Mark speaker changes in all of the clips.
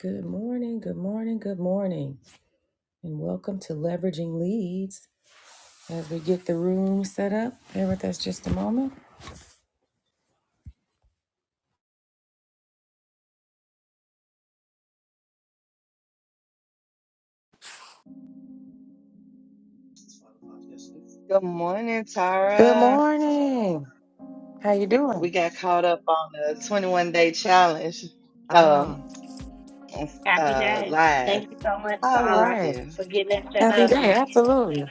Speaker 1: Good morning, good morning, good morning, and welcome to Leveraging Leads. As we get the room set up, bear with us just a moment.
Speaker 2: Good morning,
Speaker 1: Good
Speaker 2: Tara.
Speaker 1: morning. How you
Speaker 2: We
Speaker 1: doing?
Speaker 2: got caught up on the 21 day challenge um,
Speaker 1: Oh,
Speaker 3: Happy
Speaker 2: uh,
Speaker 3: day.
Speaker 2: live.
Speaker 3: Thank you so much,
Speaker 1: it's
Speaker 2: How
Speaker 1: all
Speaker 2: is
Speaker 3: Sarah,
Speaker 1: right.
Speaker 2: you?
Speaker 3: for getting that set
Speaker 1: Happy
Speaker 3: up
Speaker 1: day.
Speaker 3: here.
Speaker 1: Absolutely,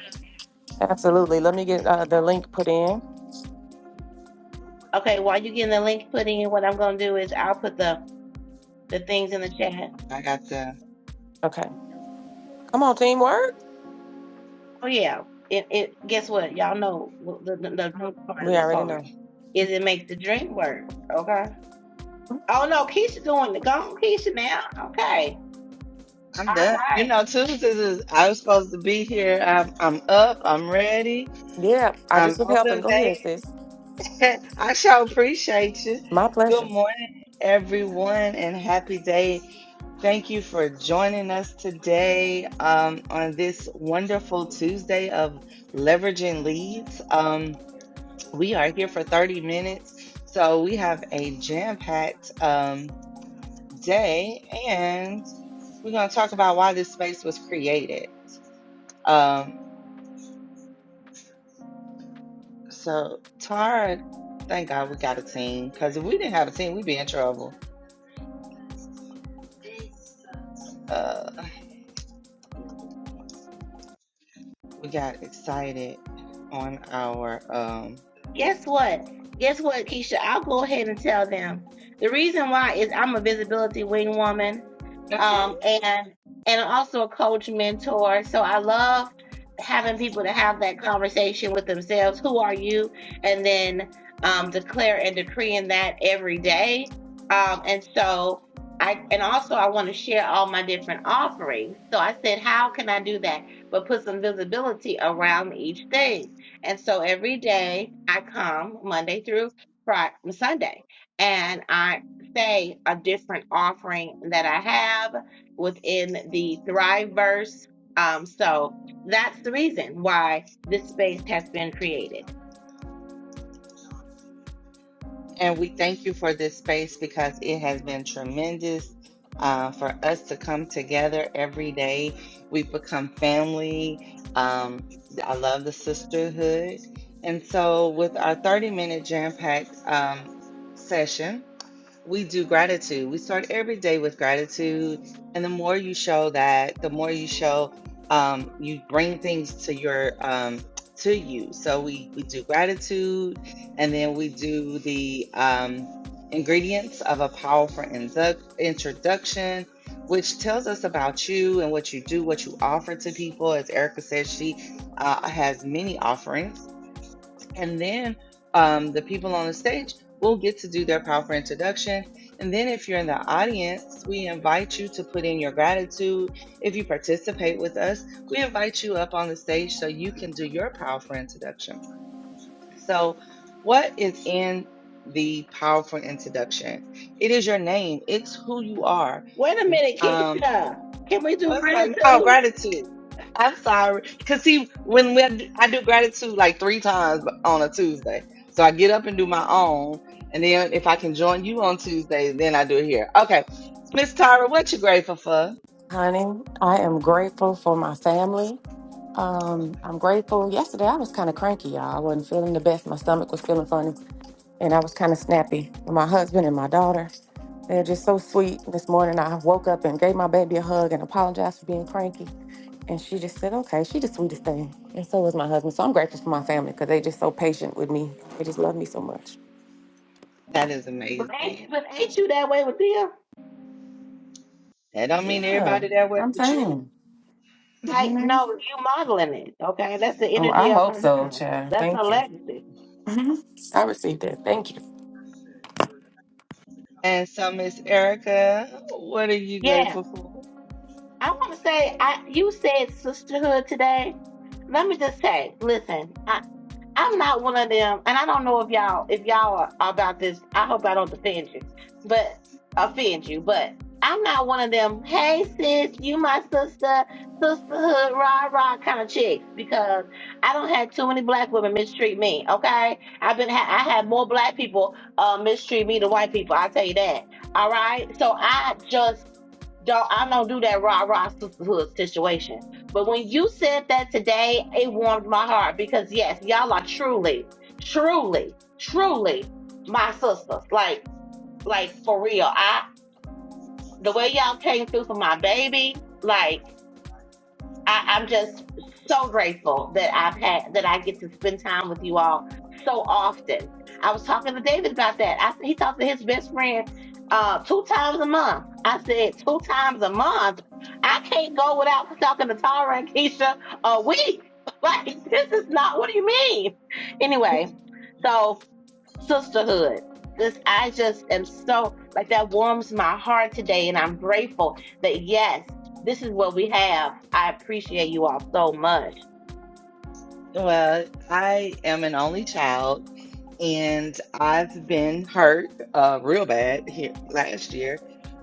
Speaker 1: absolutely. Let me get uh, the link put in.
Speaker 3: Okay, while you're getting the link put in, what I'm gonna do is I'll put the, the things in the chat.
Speaker 2: I got the,
Speaker 1: Okay. Come on, teamwork.
Speaker 3: Oh yeah, it, it, guess what? Y'all know the, the, the drink part of
Speaker 1: We
Speaker 3: that
Speaker 1: already
Speaker 3: part
Speaker 1: know.
Speaker 3: is it makes the drink work. Okay. Oh no, Keisha doing it. Go Keisha now. Okay.
Speaker 2: I'm
Speaker 3: All
Speaker 2: done. You
Speaker 3: right.
Speaker 2: know, Tuesdays is, I was supposed to be here. I'm, I'm up, I'm ready,
Speaker 1: Yeah, I just
Speaker 2: I'm
Speaker 1: was helping. Go
Speaker 2: motivated.
Speaker 1: ahead, sis.
Speaker 2: I shall appreciate you.
Speaker 1: My
Speaker 2: Good
Speaker 1: pleasure.
Speaker 2: morning, everyone, and happy day. Thank you for joining us today um, on this wonderful Tuesday of leveraging leads. Um, we are here for 30 minutes, so we have a jam packed um, day, and we're going to talk about why this space was created. Um, so, Tara, thank God we got a team, because if we didn't have a team, we'd be in trouble. Uh, We got excited on our um
Speaker 3: Guess what? Guess what, Keisha? I'll go ahead and tell them. The reason why is I'm a visibility wing woman,
Speaker 2: okay.
Speaker 3: um, and and I'm also a coach mentor. So I love having people to have that conversation with themselves. Who are you? And then um, declare and decreeing that every day. Um, and so I and also I want to share all my different offerings. So I said, how can I do that? But put some visibility around each thing. And so every day I come Monday through Friday, Sunday, and I say a different offering that I have within the Thriveverse. Um, so that's the reason why this space has been created.
Speaker 2: And we thank you for this space because it has been tremendous uh, for us to come together every day. We've become family. Um, I love the sisterhood. And so with our 30 minute jam packed um, session, we do gratitude. We start every day with gratitude. And the more you show that, the more you show um, you bring things to your um, to you. So we we do gratitude, and then we do the um, ingredients of a powerful indu- introduction, which tells us about you and what you do, what you offer to people. As Erica said, she uh, has many offerings and then um, the people on the stage will get to do their powerful introduction. And then, if you're in the audience, we invite you to put in your gratitude. If you participate with us, we invite you up on the stage so you can do your powerful introduction. So, what is in the powerful introduction? It is your name, it's who you are,
Speaker 3: Wait a minute,
Speaker 2: um,
Speaker 3: Keisha. Can we do
Speaker 2: What's um? Oh,
Speaker 3: gratitude?
Speaker 2: gratitude. I'm sorry, cause see, when we I do gratitude like three times on a Tuesday, so I get up and do my own, and then if I can join you on Tuesday, then I do it here. Okay, Miss Tyra, what you grateful for?
Speaker 1: Honey, I am grateful for my family. Um, I'm grateful. Yesterday, I was kind of cranky, y'all. I wasn't feeling the best. My stomach was feeling funny, and I was kind of snappy. My husband and my daughter, they're just so sweet. This morning, I woke up and gave my baby a hug and apologized for being cranky. And she just said, okay, she the sweetest thing. And so was my husband. So I'm grateful for my family because they just so patient with me. They just love me so much.
Speaker 2: That is
Speaker 3: But ain't,
Speaker 2: amazing.
Speaker 3: but ain't you that way with them?
Speaker 2: That don't mean
Speaker 1: Yeah,
Speaker 2: everybody that way
Speaker 1: I'm
Speaker 2: with
Speaker 1: saying,
Speaker 2: you.
Speaker 1: you
Speaker 3: Like,
Speaker 1: know?
Speaker 3: no, you modeling it. Okay, that's the
Speaker 1: Oh,
Speaker 3: energy
Speaker 1: I
Speaker 3: of
Speaker 1: hope
Speaker 3: her.
Speaker 1: so,
Speaker 3: now.
Speaker 1: child.
Speaker 3: That's her
Speaker 1: Thank you.
Speaker 3: legacy.
Speaker 1: Mhm. I received it. Thank you.
Speaker 2: And so, Miss Erica, what are you
Speaker 3: Yeah.
Speaker 2: grateful for?
Speaker 3: I want to say, I you said sisterhood today. Let me just say, listen, I I'm not one of them, and I don't know if y'all if y'all are about this. I hope I don't offend you, but offend you, but I'm not one of them. Hey sis, you my sister, sisterhood, rah rah kind of chicks because I don't have too many black women mistreat me. Okay, I've been ha- I had more black people uh mistreat me than white people. I will tell you that. All right, so I just don't I don't do that rah rah sisterhood situation. But when you said that today, it warmed my heart because yes, y'all are truly, truly, truly my sisters. Like, like for real. I the way y'all came through for my baby, like I, I'm just so grateful that I've had that I get to spend time with you all so often. I was talking to David about that. I he talks to his best friend uh, two times a month. I said two times a month. I can't go without talking to Tara and Keisha a week. Like this is not. What do you mean? Anyway, so sisterhood. This, I just am so, like, that warms my heart today. And I'm grateful that, yes, this is what we have. I appreciate you all so much.
Speaker 2: Well, I am an only child, and I've been hurt uh, real bad here last year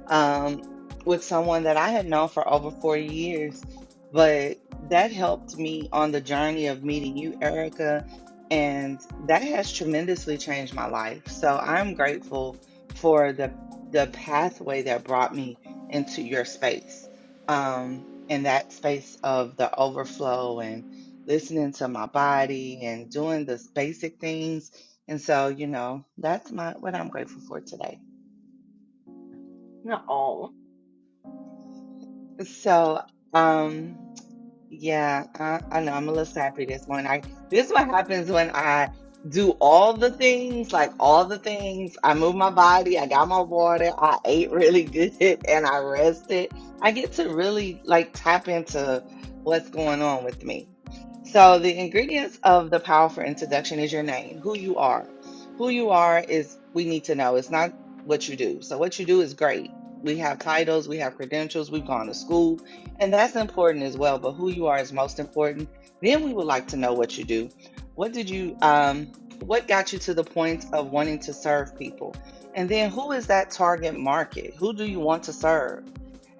Speaker 2: um, with someone that I had known for over four years. But that helped me on the journey of meeting you, Erica, and that has tremendously changed my life. So I'm grateful for the the pathway that brought me into your space, um, and that space of the overflow and listening to my body and doing the basic things. And so, you know, that's my what I'm grateful for today.
Speaker 3: No.
Speaker 2: So, um Yeah, I, I know. I'm a little sappy this morning. I this is what happens when I do all the things, like all the things. I move my body, I got my water, I ate really good, and I rested. I get to really like tap into what's going on with me. So the ingredients of the powerful introduction is your name, who you are. Who you are is we need to know. It's not what you do. So what you do is great. We have titles, we have credentials, we've gone to school, and that's important as well, but who you are is most important. Then we would like to know what you do. What did you um what got you to the point of wanting to serve people? And then who is that target market? Who do you want to serve?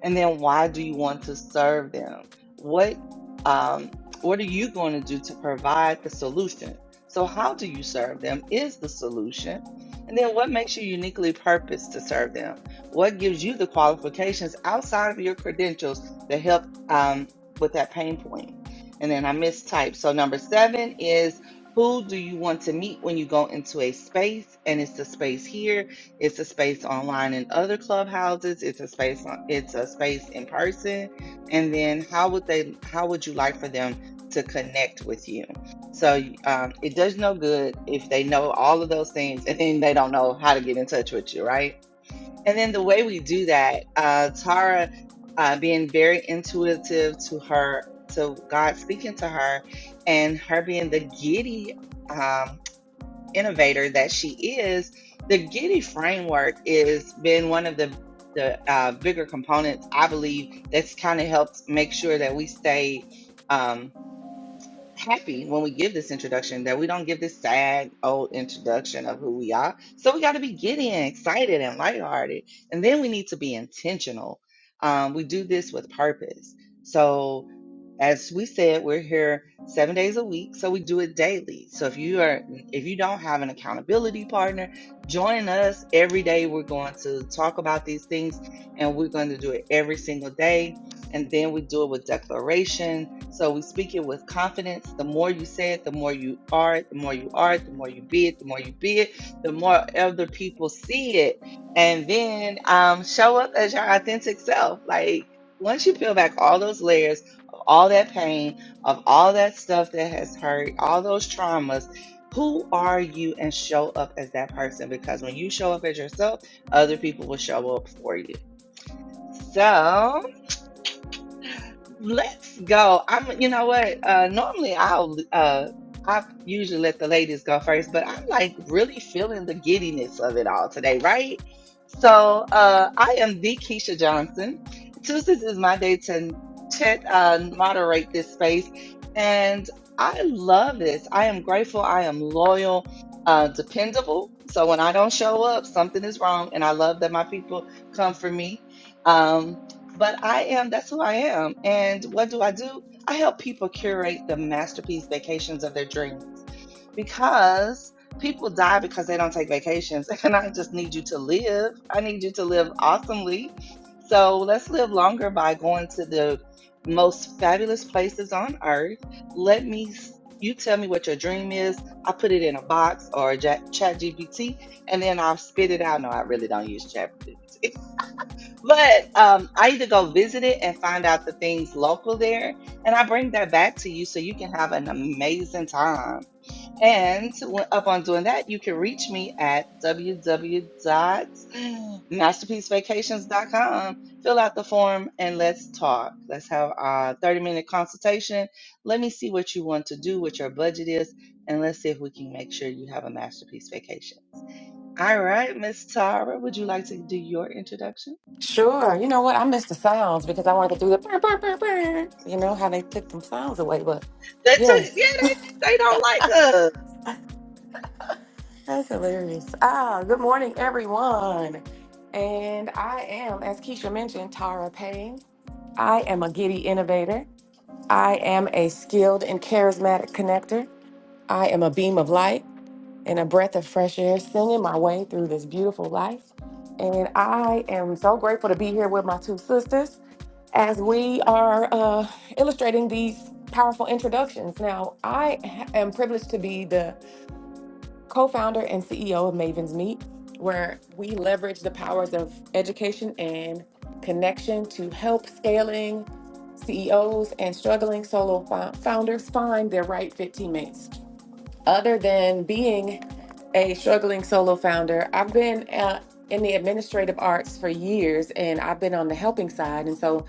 Speaker 2: and then why do you want to serve them what um what are you going to do to provide the solution so how do you serve them is the solution and then what makes you uniquely purposed to serve them what gives you the qualifications outside of your credentials to help um, with that pain point point? and then i mistyped so number seven is who do you want to meet when you go into a space and it's the space here it's a space online in other clubhouses. It's a space on, it's a space in person. And then how would they how would you like for them to connect with you? So y- um, it does no good if they know all of those things and then they don't know how to get in touch with you, right? And then the way we do that, uh, Tara uh, being very intuitive to her, to God speaking to her, and her being the giddy. Um, innovator that she is, the Giddy framework is been one of the the uh, bigger components I believe that's kind of helped make sure that we stay um, happy when we give this introduction, that we don't give this sad old introduction of who we are. So we got to be giddy and excited and lighthearted, and then we need to be intentional. Um, we do this with purpose. So as we said, we're here seven days a week, so we do it daily. So if you are if you don't have an accountability partner, join us every day. We're going to talk about these things and we're going to do it every single day. And then we do it with declaration. So we speak it with confidence. The more you say it, the more you are it, the more you are it, the more you be it, the more you be it, the more other people see it. And then um, show up as your authentic self. Like once you peel back all those layers all that pain, of all that stuff that has hurt, all those traumas. Who are you and show up as that person? Because when you show up as yourself, other people will show up for you. So, Let's go. I'm, you know what? Uh, normally I'll, uh, I usually let the ladies go first, but I'm like really feeling the giddiness of it all today, right? So, uh, I am the Keisha Johnson. Tuesdays is my day to, to uh, moderate this space, and I love this. I am grateful. I am loyal, uh, dependable. So when I don't show up, something is wrong, and I love that my people come for me. Um, but I am, that's who I am. And what do I do? I help people curate the masterpiece vacations of their dreams because people die because they don't take vacations. And I just need you to live. I need you to live awesomely. So let's live longer by going to the most fabulous places on earth. Let me, s- you tell me what your dream is. I put it in a box or a chat GPT and then I'll spit it out. No, I really don't use chat. But um, I either go visit it and find out the things local there, and I bring that back to you so you can have an amazing time. And when, up on doing that, you can reach me at www.masterpiecevacations.com. Fill out the form and let's talk. Let's have a 30 minute consultation. Let me see what you want to do, what your budget is, and let's see if we can make sure you have a masterpiece vacation. All right, Miss Tara, would you like to do your introduction?
Speaker 1: Sure. You know what? I missed the sounds because I wanted to do the burr, burr, burr, burr. You know how they took them sounds away, but
Speaker 2: They took yeah,
Speaker 1: yes,
Speaker 2: they, they don't like us.
Speaker 1: that's hilarious. Ah, good morning, everyone. And I am, as Keisha mentioned, Tara Payne. I am a giddy innovator. I am a skilled and charismatic connector. I am a beam of light. and a breath of fresh air, singing my way through this beautiful life. And I am so grateful to be here with my two sisters as we are uh, illustrating these powerful introductions. Now, I ha- am privileged to be the co founder and CEO of Maven's Meet, where we leverage the powers of education and connection to help scaling CEOs and struggling solo fo- founders find their right fit teammates. Other than being a struggling solo founder, I've been uh, in the administrative arts for years and I've been on the helping side. And so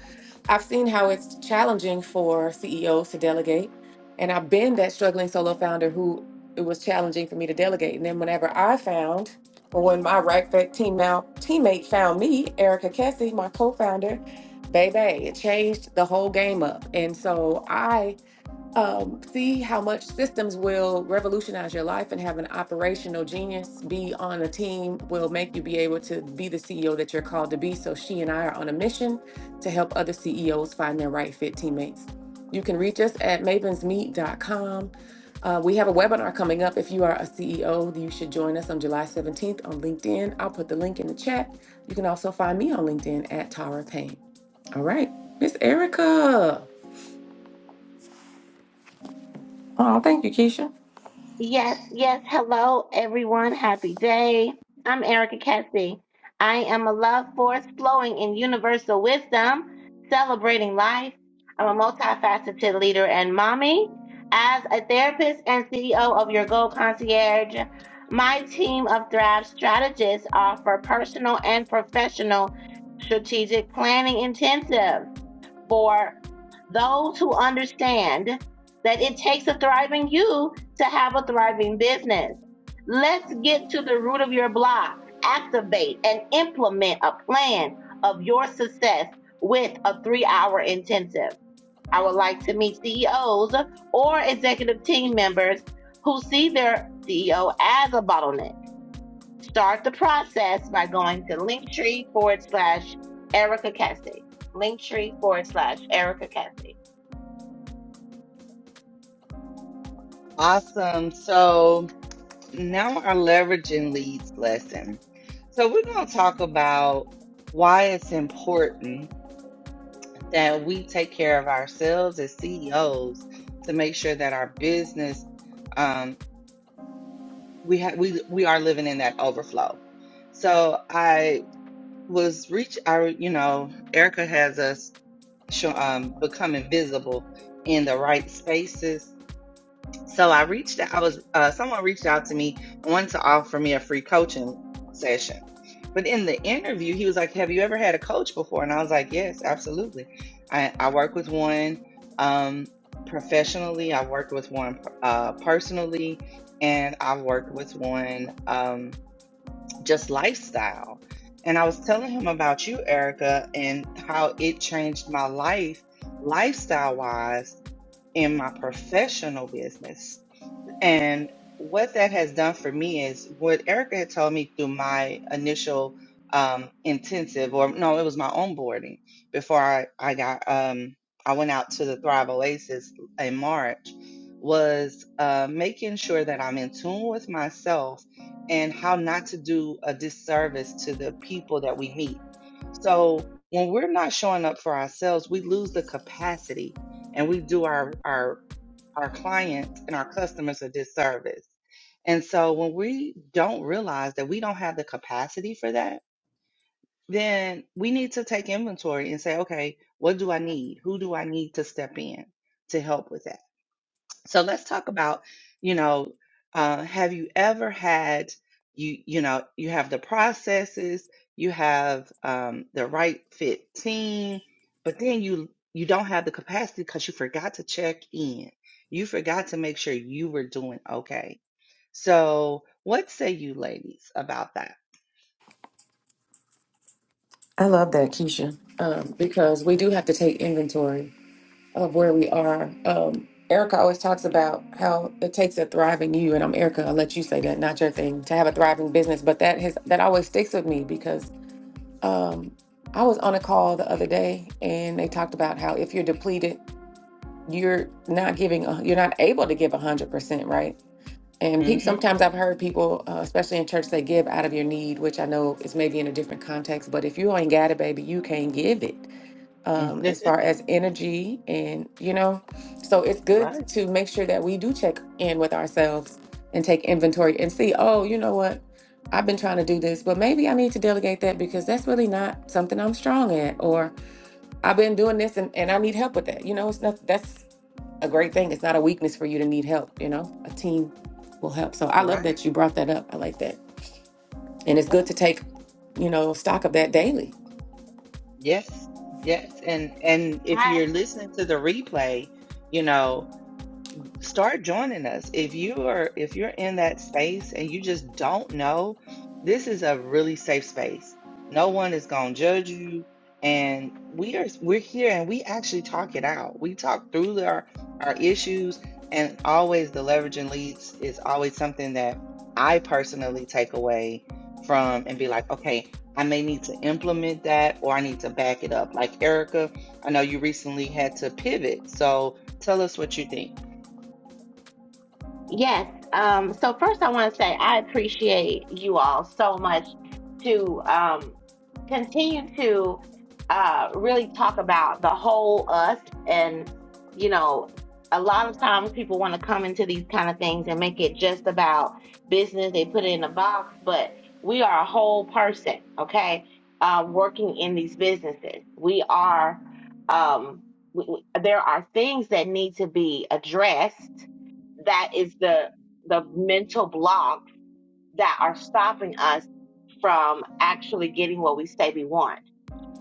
Speaker 1: I've seen how it's challenging for CEOs to delegate. And I've been that struggling solo founder who it was challenging for me to delegate. And then whenever I found, or when my right fit team now teammate found me, Erica Kessie, my co-founder, baby, it changed the whole game up. And so I um, see how much systems will revolutionize your life and have an operational genius be on a team will make you be able to be the CEO that you're called to be. So she and I are on a mission to help other CEOs find their right fit teammates. You can reach us at mavensmeet.com. Uh, we have a webinar coming up. If you are a CEO, you should join us on July 17th on LinkedIn. I'll put the link in the chat. You can also find me on LinkedIn at Tara Payne. All right, Miss Erica. Oh, thank you, Keisha.
Speaker 3: Yes, yes. Hello, everyone. Happy day. I'm Erica Cassie. I am a love force flowing in universal wisdom, celebrating life. I'm a multifaceted leader and mommy. As a therapist and CEO of Your Gold Concierge, my team of Thrive strategists offer personal and professional strategic planning intensives for those who understand that it takes a thriving you to have a thriving business. Let's get to the root of your block. Activate and implement a plan of your success with a three hour intensive. I would like to meet CEOs or executive team members who see their CEO as a bottleneck Start the process by going to Linktree forward slash Erica Cassie. Linktree forward slash Erica Cassie.
Speaker 2: Awesome. So now our leveraging leads lesson. So we're gonna talk about why it's important that we take care of ourselves as CEOs to make sure that our business um we have we we are living in that overflow. So I was reach I you know, Erica has us show, um become invisible in the right spaces So I reached out, I was, uh, someone reached out to me and wanted to offer me a free coaching session. But in the interview, he was like, Have you ever had a coach before? And I was like, Yes, absolutely. I, I work with one um, professionally, I've worked with one uh, personally, and I've worked with one um, just lifestyle. And I was telling him about you, Erica, and how it changed my life, lifestyle wise, in my professional business and what that has done for me is what Erica had told me through my initial um, intensive, or no, it was my onboarding before I, I got, um, I went out to the Thrive Oasis in March, was uh, making sure that I'm in tune with myself and how not to do a disservice to the people that we meet. So when we're not showing up for ourselves, we lose the capacity and we do our, our our clients and our customers a disservice. And so when we don't realize that we don't have the capacity for that, then we need to take inventory and say, okay, what do I need? Who do I need to step in to help with that? So let's talk about, you know, uh, have you ever had you you know you have the processes, you have um, the right fit team, but then you you don't have the capacity because you forgot to check in. You forgot to make sure you were doing okay. So what say you ladies about that?
Speaker 1: I love that, Keisha, um, because we do have to take inventory of where we are. Um, Erica always talks about how it takes a thriving you, and I'm Erica. I'll let you say that, not your thing, to have a thriving business. But that has that always sticks with me because um, I was on a call the other day, and they talked about how if you're depleted, you're not giving, a- you're not able to give hundred percent, right? And pe-
Speaker 2: Mm-hmm.
Speaker 1: sometimes I've heard people, uh, especially in church, they give out of your need, which I know is maybe in a different context. But if you ain't got it, baby, you can't give it um, as far as energy and you know so it's good
Speaker 2: right,
Speaker 1: to make sure that we do check in with ourselves and take inventory and see oh you know what i've been trying to do this but maybe i need to delegate that because that's really not something i'm strong at or i've been doing this and, and i need help with that you know it's not that's a great thing it's not a weakness for you to need help you know a team will help so i love
Speaker 2: right.
Speaker 1: that you brought that up i like that and it's good
Speaker 2: Oh,
Speaker 1: to take you know stock of that daily
Speaker 2: Yes, yes. And and if
Speaker 3: Hi.
Speaker 2: you're listening to the replay, you know. start joining us if you are if you're in that space and you just don't know this is a really safe space no one is going to judge you and we are we're here and we actually talk it out we talk through our our issues and always the leveraging leads is always something that i personally take away from and be like okay i may need to implement that or i need to back it up like erica i know you recently had to pivot so tell us what you think
Speaker 3: Yes. Um, so first I want to say I appreciate you all so much to um, continue to uh, really talk about the whole us and you know a lot of times people want to come into these kind of things and make it just about business they put it in a box but we are a whole person okay uh, working in these businesses we are um, w w- there are things that need to be addressed that is the the mental block that are stopping us from actually getting what we say we want.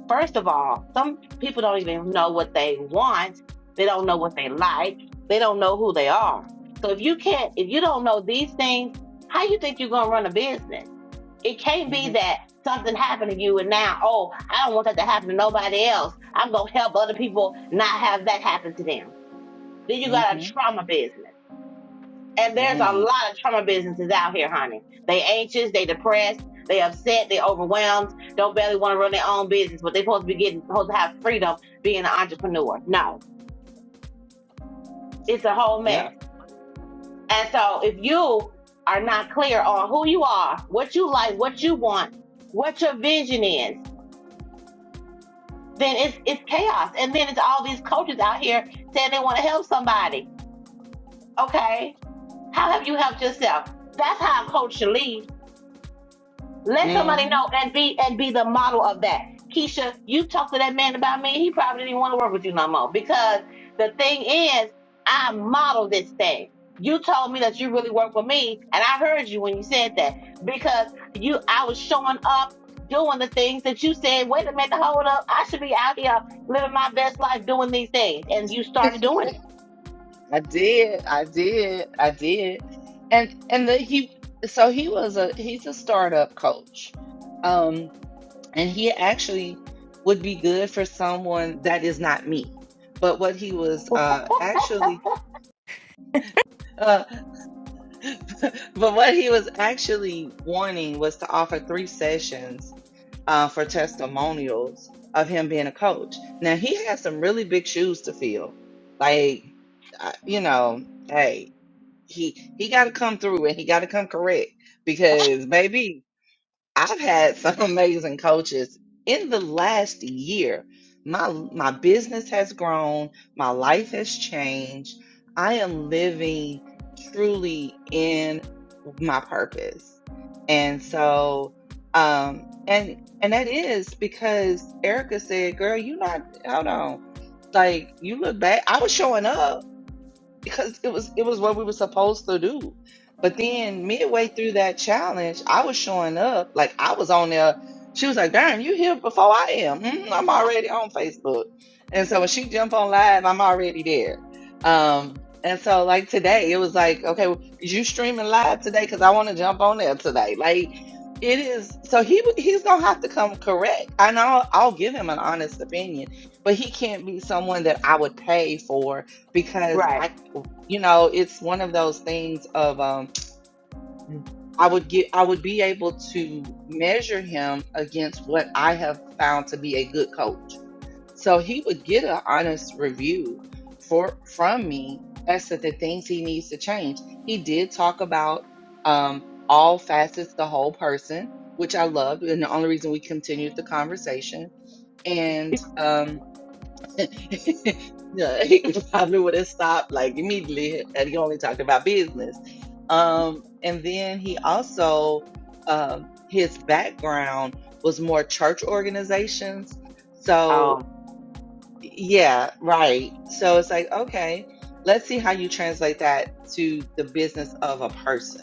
Speaker 3: First of all, some people don't even know what they want. They don't know what they like. They don't know who they are. So if you can't, if you don't know these things, how you think you're gonna run a business? It can't be
Speaker 2: Mhm,
Speaker 3: that something happened to you and now, oh, I don't want that to happen to nobody else. I'm gonna help other people not have that happen to them. Then you got a
Speaker 2: mhm,
Speaker 3: trauma business. And there's a
Speaker 2: mm,
Speaker 3: lot of trauma businesses out here, honey. They anxious, they depressed, they upset, they overwhelmed, don't barely want to run their own business, but they supposed to be getting supposed to have freedom being an entrepreneur. No. It's a whole
Speaker 2: yep,
Speaker 3: mess. And so if you are not clear on who you are, what you like, what you want, what your vision is, then it's it's chaos. And then it's all these coaches out here saying they want to help somebody. Okay. How have you helped yourself? That's how a coach should lead Let somebody know
Speaker 2: mhm.
Speaker 3: and be and be the model of that. Keisha, you talked to that man about me. He probably didn't want to work with you no more because the thing is, I model this thing. You told me that you really work with me, and I heard you when you said that because you, I was showing up doing the things that you said. Wait a minute, hold up. I should be out here living my best life doing these things, and you started doing it.
Speaker 2: I did, I did, I did, and and the, he so he was a he's a startup coach, um, and he actually would be good for someone that is not me. But what he was uh actually uh, but what he was actually wanting was to offer three sessions uh, for testimonials of him being a coach. Now he has some really big shoes to fill. Like, I- you know, hey, he he got to come through and he got to come correct because, baby. I've had some amazing coaches in the last year. My my business has grown, my life has changed. I am living truly in my purpose. And so um and and that is because Erica said, "Girl, you not hold on. Like you look back, I was showing up because it was it was what we were supposed to do. But then midway through that challenge, I was showing up like I was on there. She was like, "Darn, you here before I am? Mm, I'm already on Facebook." And so when she jump on live, I'm already there. Um, and so like today, it was like, "Okay, you streaming live today? Because I want to jump on there today." Like it is. So he he's gonna have to come correct. I know I'll give him an honest opinion, but he can't be someone that I would pay for because
Speaker 3: Right.
Speaker 2: I you know it's one of those things of um i would get i would be able to measure him against what i have found to be a good coach so he would get an honest review for from me as to the things he needs to change he did talk about um all facets the whole person which i loved and the only reason we continued the conversation and um, yeah, he probably would have stopped like immediately and he only talked about business. Um, and then he also, um, his background was more church organizations. So
Speaker 3: Um,
Speaker 2: yeah, right. So it's like, okay, let's see how you translate that to the business of a person.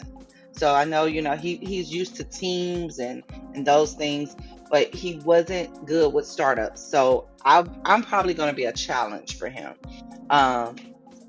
Speaker 2: So I know, you know, he he's used to teams and and those things, but he wasn't good with startups. So I I'm probably going to be a challenge for him. Um,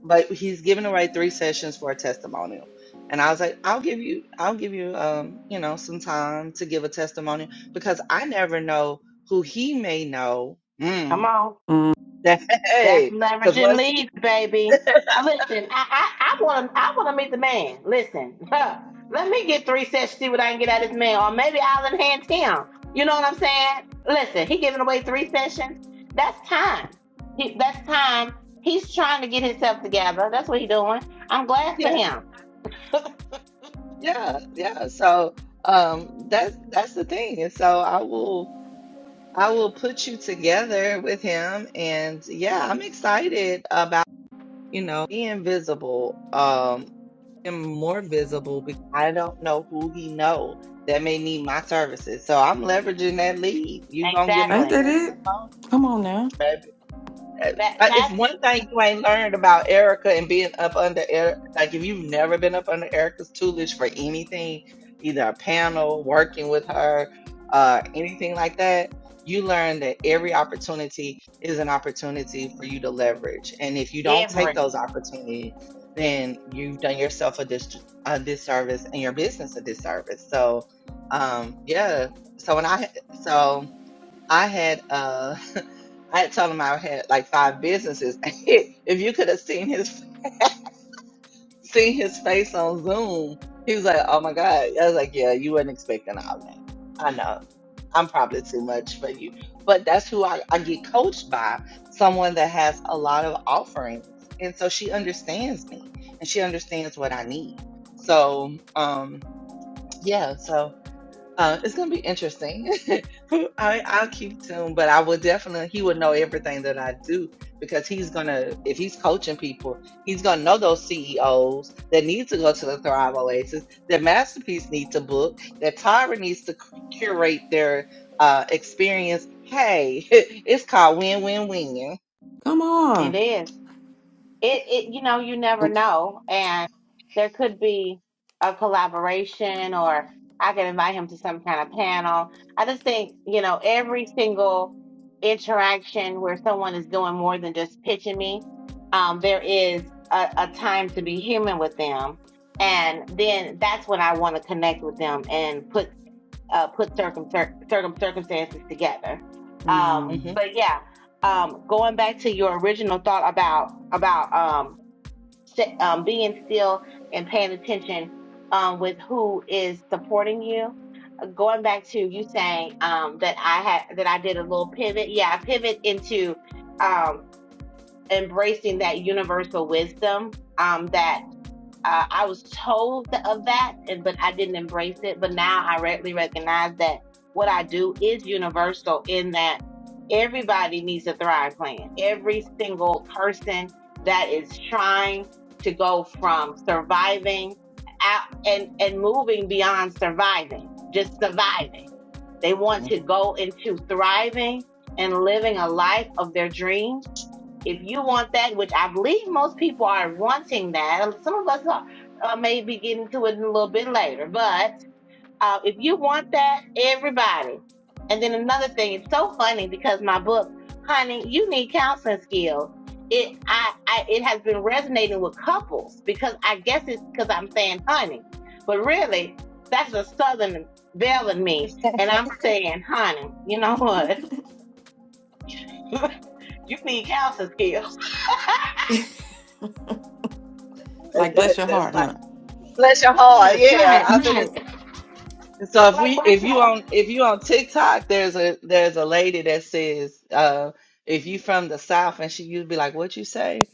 Speaker 2: but he's giving away three sessions for a testimonial. And I was like, I'll give you I'll give you um, you know, some time to give a testimonial because I never know who he may know. mm,
Speaker 3: come on.
Speaker 1: mm,
Speaker 3: That's
Speaker 2: Hey, because
Speaker 3: leveraging
Speaker 2: what's
Speaker 3: leads, baby. Uh, Listen, I I want to I want to meet the man. Listen, let me get three sets, see what I can get out of this man, or maybe I'll enhance him. You know what I'm saying? Listen, he giving away three sessions. That's time. He, that's time. He's trying to get himself together. That's what he's doing. I'm glad for
Speaker 2: yeah,
Speaker 3: him.
Speaker 2: yeah, yeah. So um that's that's the thing. And so I will I will put you together with him and yeah, I'm excited about, you know, being visible, um him more visible because I don't know who he know that may need my services. So I'm leveraging that lead. You gonna get my
Speaker 1: ain't
Speaker 3: Exactly.
Speaker 1: that it
Speaker 2: testimony,
Speaker 1: come on now
Speaker 2: I-
Speaker 3: That
Speaker 2: If
Speaker 3: that's
Speaker 2: one thing you ain't learned about Erica and being up under Erica, like if you've never been up under Erica's tutelage for anything, either a panel, working with her, uh, anything like that, you learn that every opportunity is an opportunity for you to leverage. And if you don't take
Speaker 3: everything.
Speaker 2: those opportunities, then you've done yourself a, dis- a disservice and your business a disservice. So, um, yeah. So when I, so I had, uh, I had told him I had like five businesses. if you could have seen his seen his face on Zoom, he was like, "Oh my god!" I was like, "Yeah, you weren't expecting all that." I know I'm probably too much for you, but that's who I, I get coached by someone that has a lot of offerings, and so she understands me and she understands what I need. So, um, yeah. so uh, it's gonna be interesting. I, I'll keep tuned, but I will definitely, he would know everything that I do because he's gonna, if he's coaching people, he's gonna know those CEOs that need to go to the Thrive Oasis, that Masterpiece needs to book, that Tyra needs to cu- curate their uh, experience. Hey, it's called win win win.
Speaker 1: Come
Speaker 3: It
Speaker 1: on.
Speaker 3: is. it, it you know you never
Speaker 1: Oops.
Speaker 3: know and there could be a collaboration or i could invite him to some kind of panel i just think you know every single interaction where someone is doing more than just pitching me um, there is a, a time to be human with them and then that's when i want to connect with them and put uh, put circum, circum circumstances together.
Speaker 2: hmm
Speaker 3: Um,
Speaker 1: Mm.
Speaker 3: but yeah, um, going back to your original thought about about um, st- um, being still and paying attention um, with who is supporting you. Going back to you saying um, that I had that I did a little pivot. Yeah, I pivot into um, embracing that universal wisdom um, that uh, I was told th- of that, and but I didn't embrace it. But now I readily recognize that what I do is universal in that everybody needs a Thrive Plan. Every single person that is trying to go from surviving out and and moving beyond surviving, just surviving.
Speaker 2: hmm
Speaker 3: They want to
Speaker 2: hmm
Speaker 3: go into thriving and living a life of their dreams if you want that, which I believe most people are wanting that, some of us are, uh, may be getting to it a little bit later, but uh, if you want that, everybody. And then another thing, it's so funny because my book, honey, you need counseling skills. It I, I it has been resonating with couples because I guess it's because I'm saying honey, but really that's a southern belle in me, and I'm saying honey. You know what? you need counseling skills.
Speaker 2: That,
Speaker 1: Like bless
Speaker 2: that-
Speaker 1: your
Speaker 2: that's
Speaker 1: heart,
Speaker 2: like,
Speaker 1: huh?
Speaker 2: bless your heart.
Speaker 3: Right,
Speaker 2: Yeah.
Speaker 3: right,
Speaker 2: I've been.
Speaker 3: right.
Speaker 2: So if
Speaker 3: Like
Speaker 2: we
Speaker 3: black
Speaker 2: if you
Speaker 3: folk,
Speaker 2: on if you on TikTok, there's a there's a lady that says uh if you from the South and she used to be like, What you say?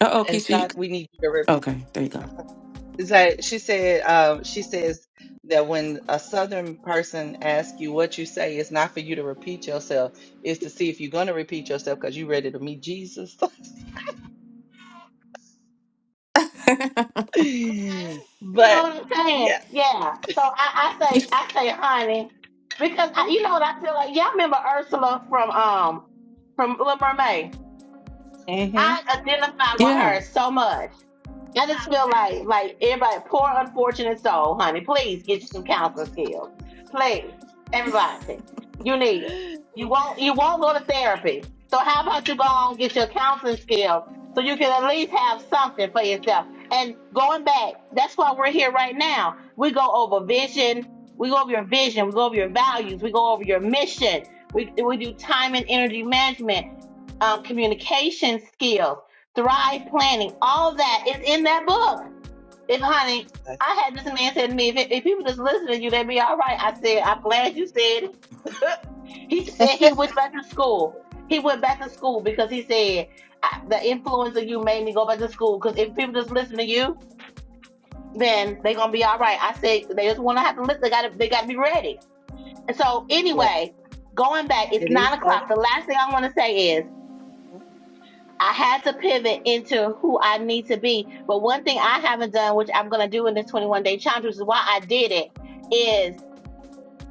Speaker 1: Uh oh,
Speaker 2: It's
Speaker 1: Keisha. You...
Speaker 2: not we need you to rep
Speaker 1: Okay, there you go.
Speaker 2: it's like she said um she says that when a southern person asks you what you say, it's not for you to repeat yourself, it's to see if you're gonna repeat yourself because you're ready to meet Jesus.
Speaker 3: okay? You know
Speaker 2: But
Speaker 3: what I'm
Speaker 2: yeah.
Speaker 3: saying? Yeah. So I, I say, I say, honey, because I, you know what I feel like. Y'all remember Ursula from um from Little Mermaid?
Speaker 2: Mm-hmm.
Speaker 3: I identify with
Speaker 1: yeah.
Speaker 3: her so much. I just feel like like everybody, poor unfortunate soul, honey. Please get you some counseling skills. Please, everybody, you need it. You won't you won't go to therapy. So how about you go on and get your counseling skills so you can at least have something for yourself. And going back, that's why we're here right now. We go over vision. We go over your vision. We go over your values. We go over your mission. We we do time and energy management um, communication skills, thrive planning, all that is in that book. If, honey, I had this man said to me, if, if people just listen to you, they'd be all right. I said, I'm glad you said. it." He said he went back to school. He went back to school because he said I, the influence of you made me go back to school. Because if people just listen to you, then they're gonna be all right. I said they just want to have to listen. They gotta they gotta be ready. And so
Speaker 2: Yeah,
Speaker 3: anyway, going back, it's
Speaker 2: it
Speaker 3: nine
Speaker 2: is.
Speaker 3: o'clock. The last thing I want to say is. I had to pivot into who I need to be. But one thing I haven't done, which I'm going to do in this 21 day challenge, which is why I did it, is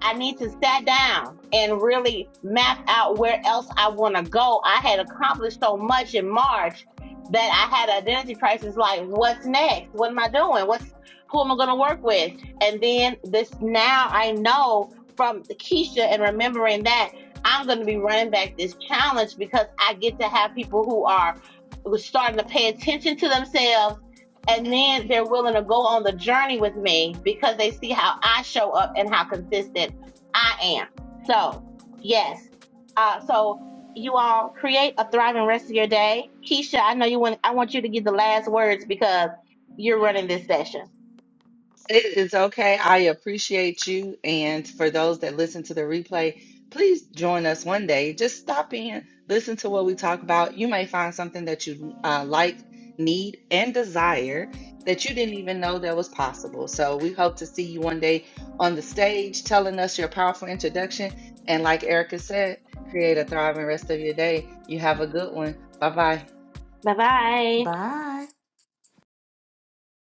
Speaker 3: I need to sit down and really map out where else I want to go. I had accomplished so much in March that I had an identity crisis. Like, what's next? What am I doing? What's who am I going to work with? And then this now I know from Keisha and remembering that I'm going to be running back this challenge because I get to have people who are who are starting to pay attention to themselves and then they're willing to go on the journey with me because they see how I show up and how consistent I am. So, yes. Uh, so you all create a thriving rest of your day. Keisha, I know you want, I want you to get the last words because you're running this session.
Speaker 2: It is okay. I appreciate you. And for those that listen to the replay, please join us one day. Just stop in, listen to what we talk about. You may find something that you uh, like, need, and desire that you didn't even know that was possible. So we hope to see you one day on the stage telling us your powerful introduction. And like Erica said, create a thriving rest of your day. You have a good one. Bye bye.
Speaker 3: Bye bye.
Speaker 1: Bye.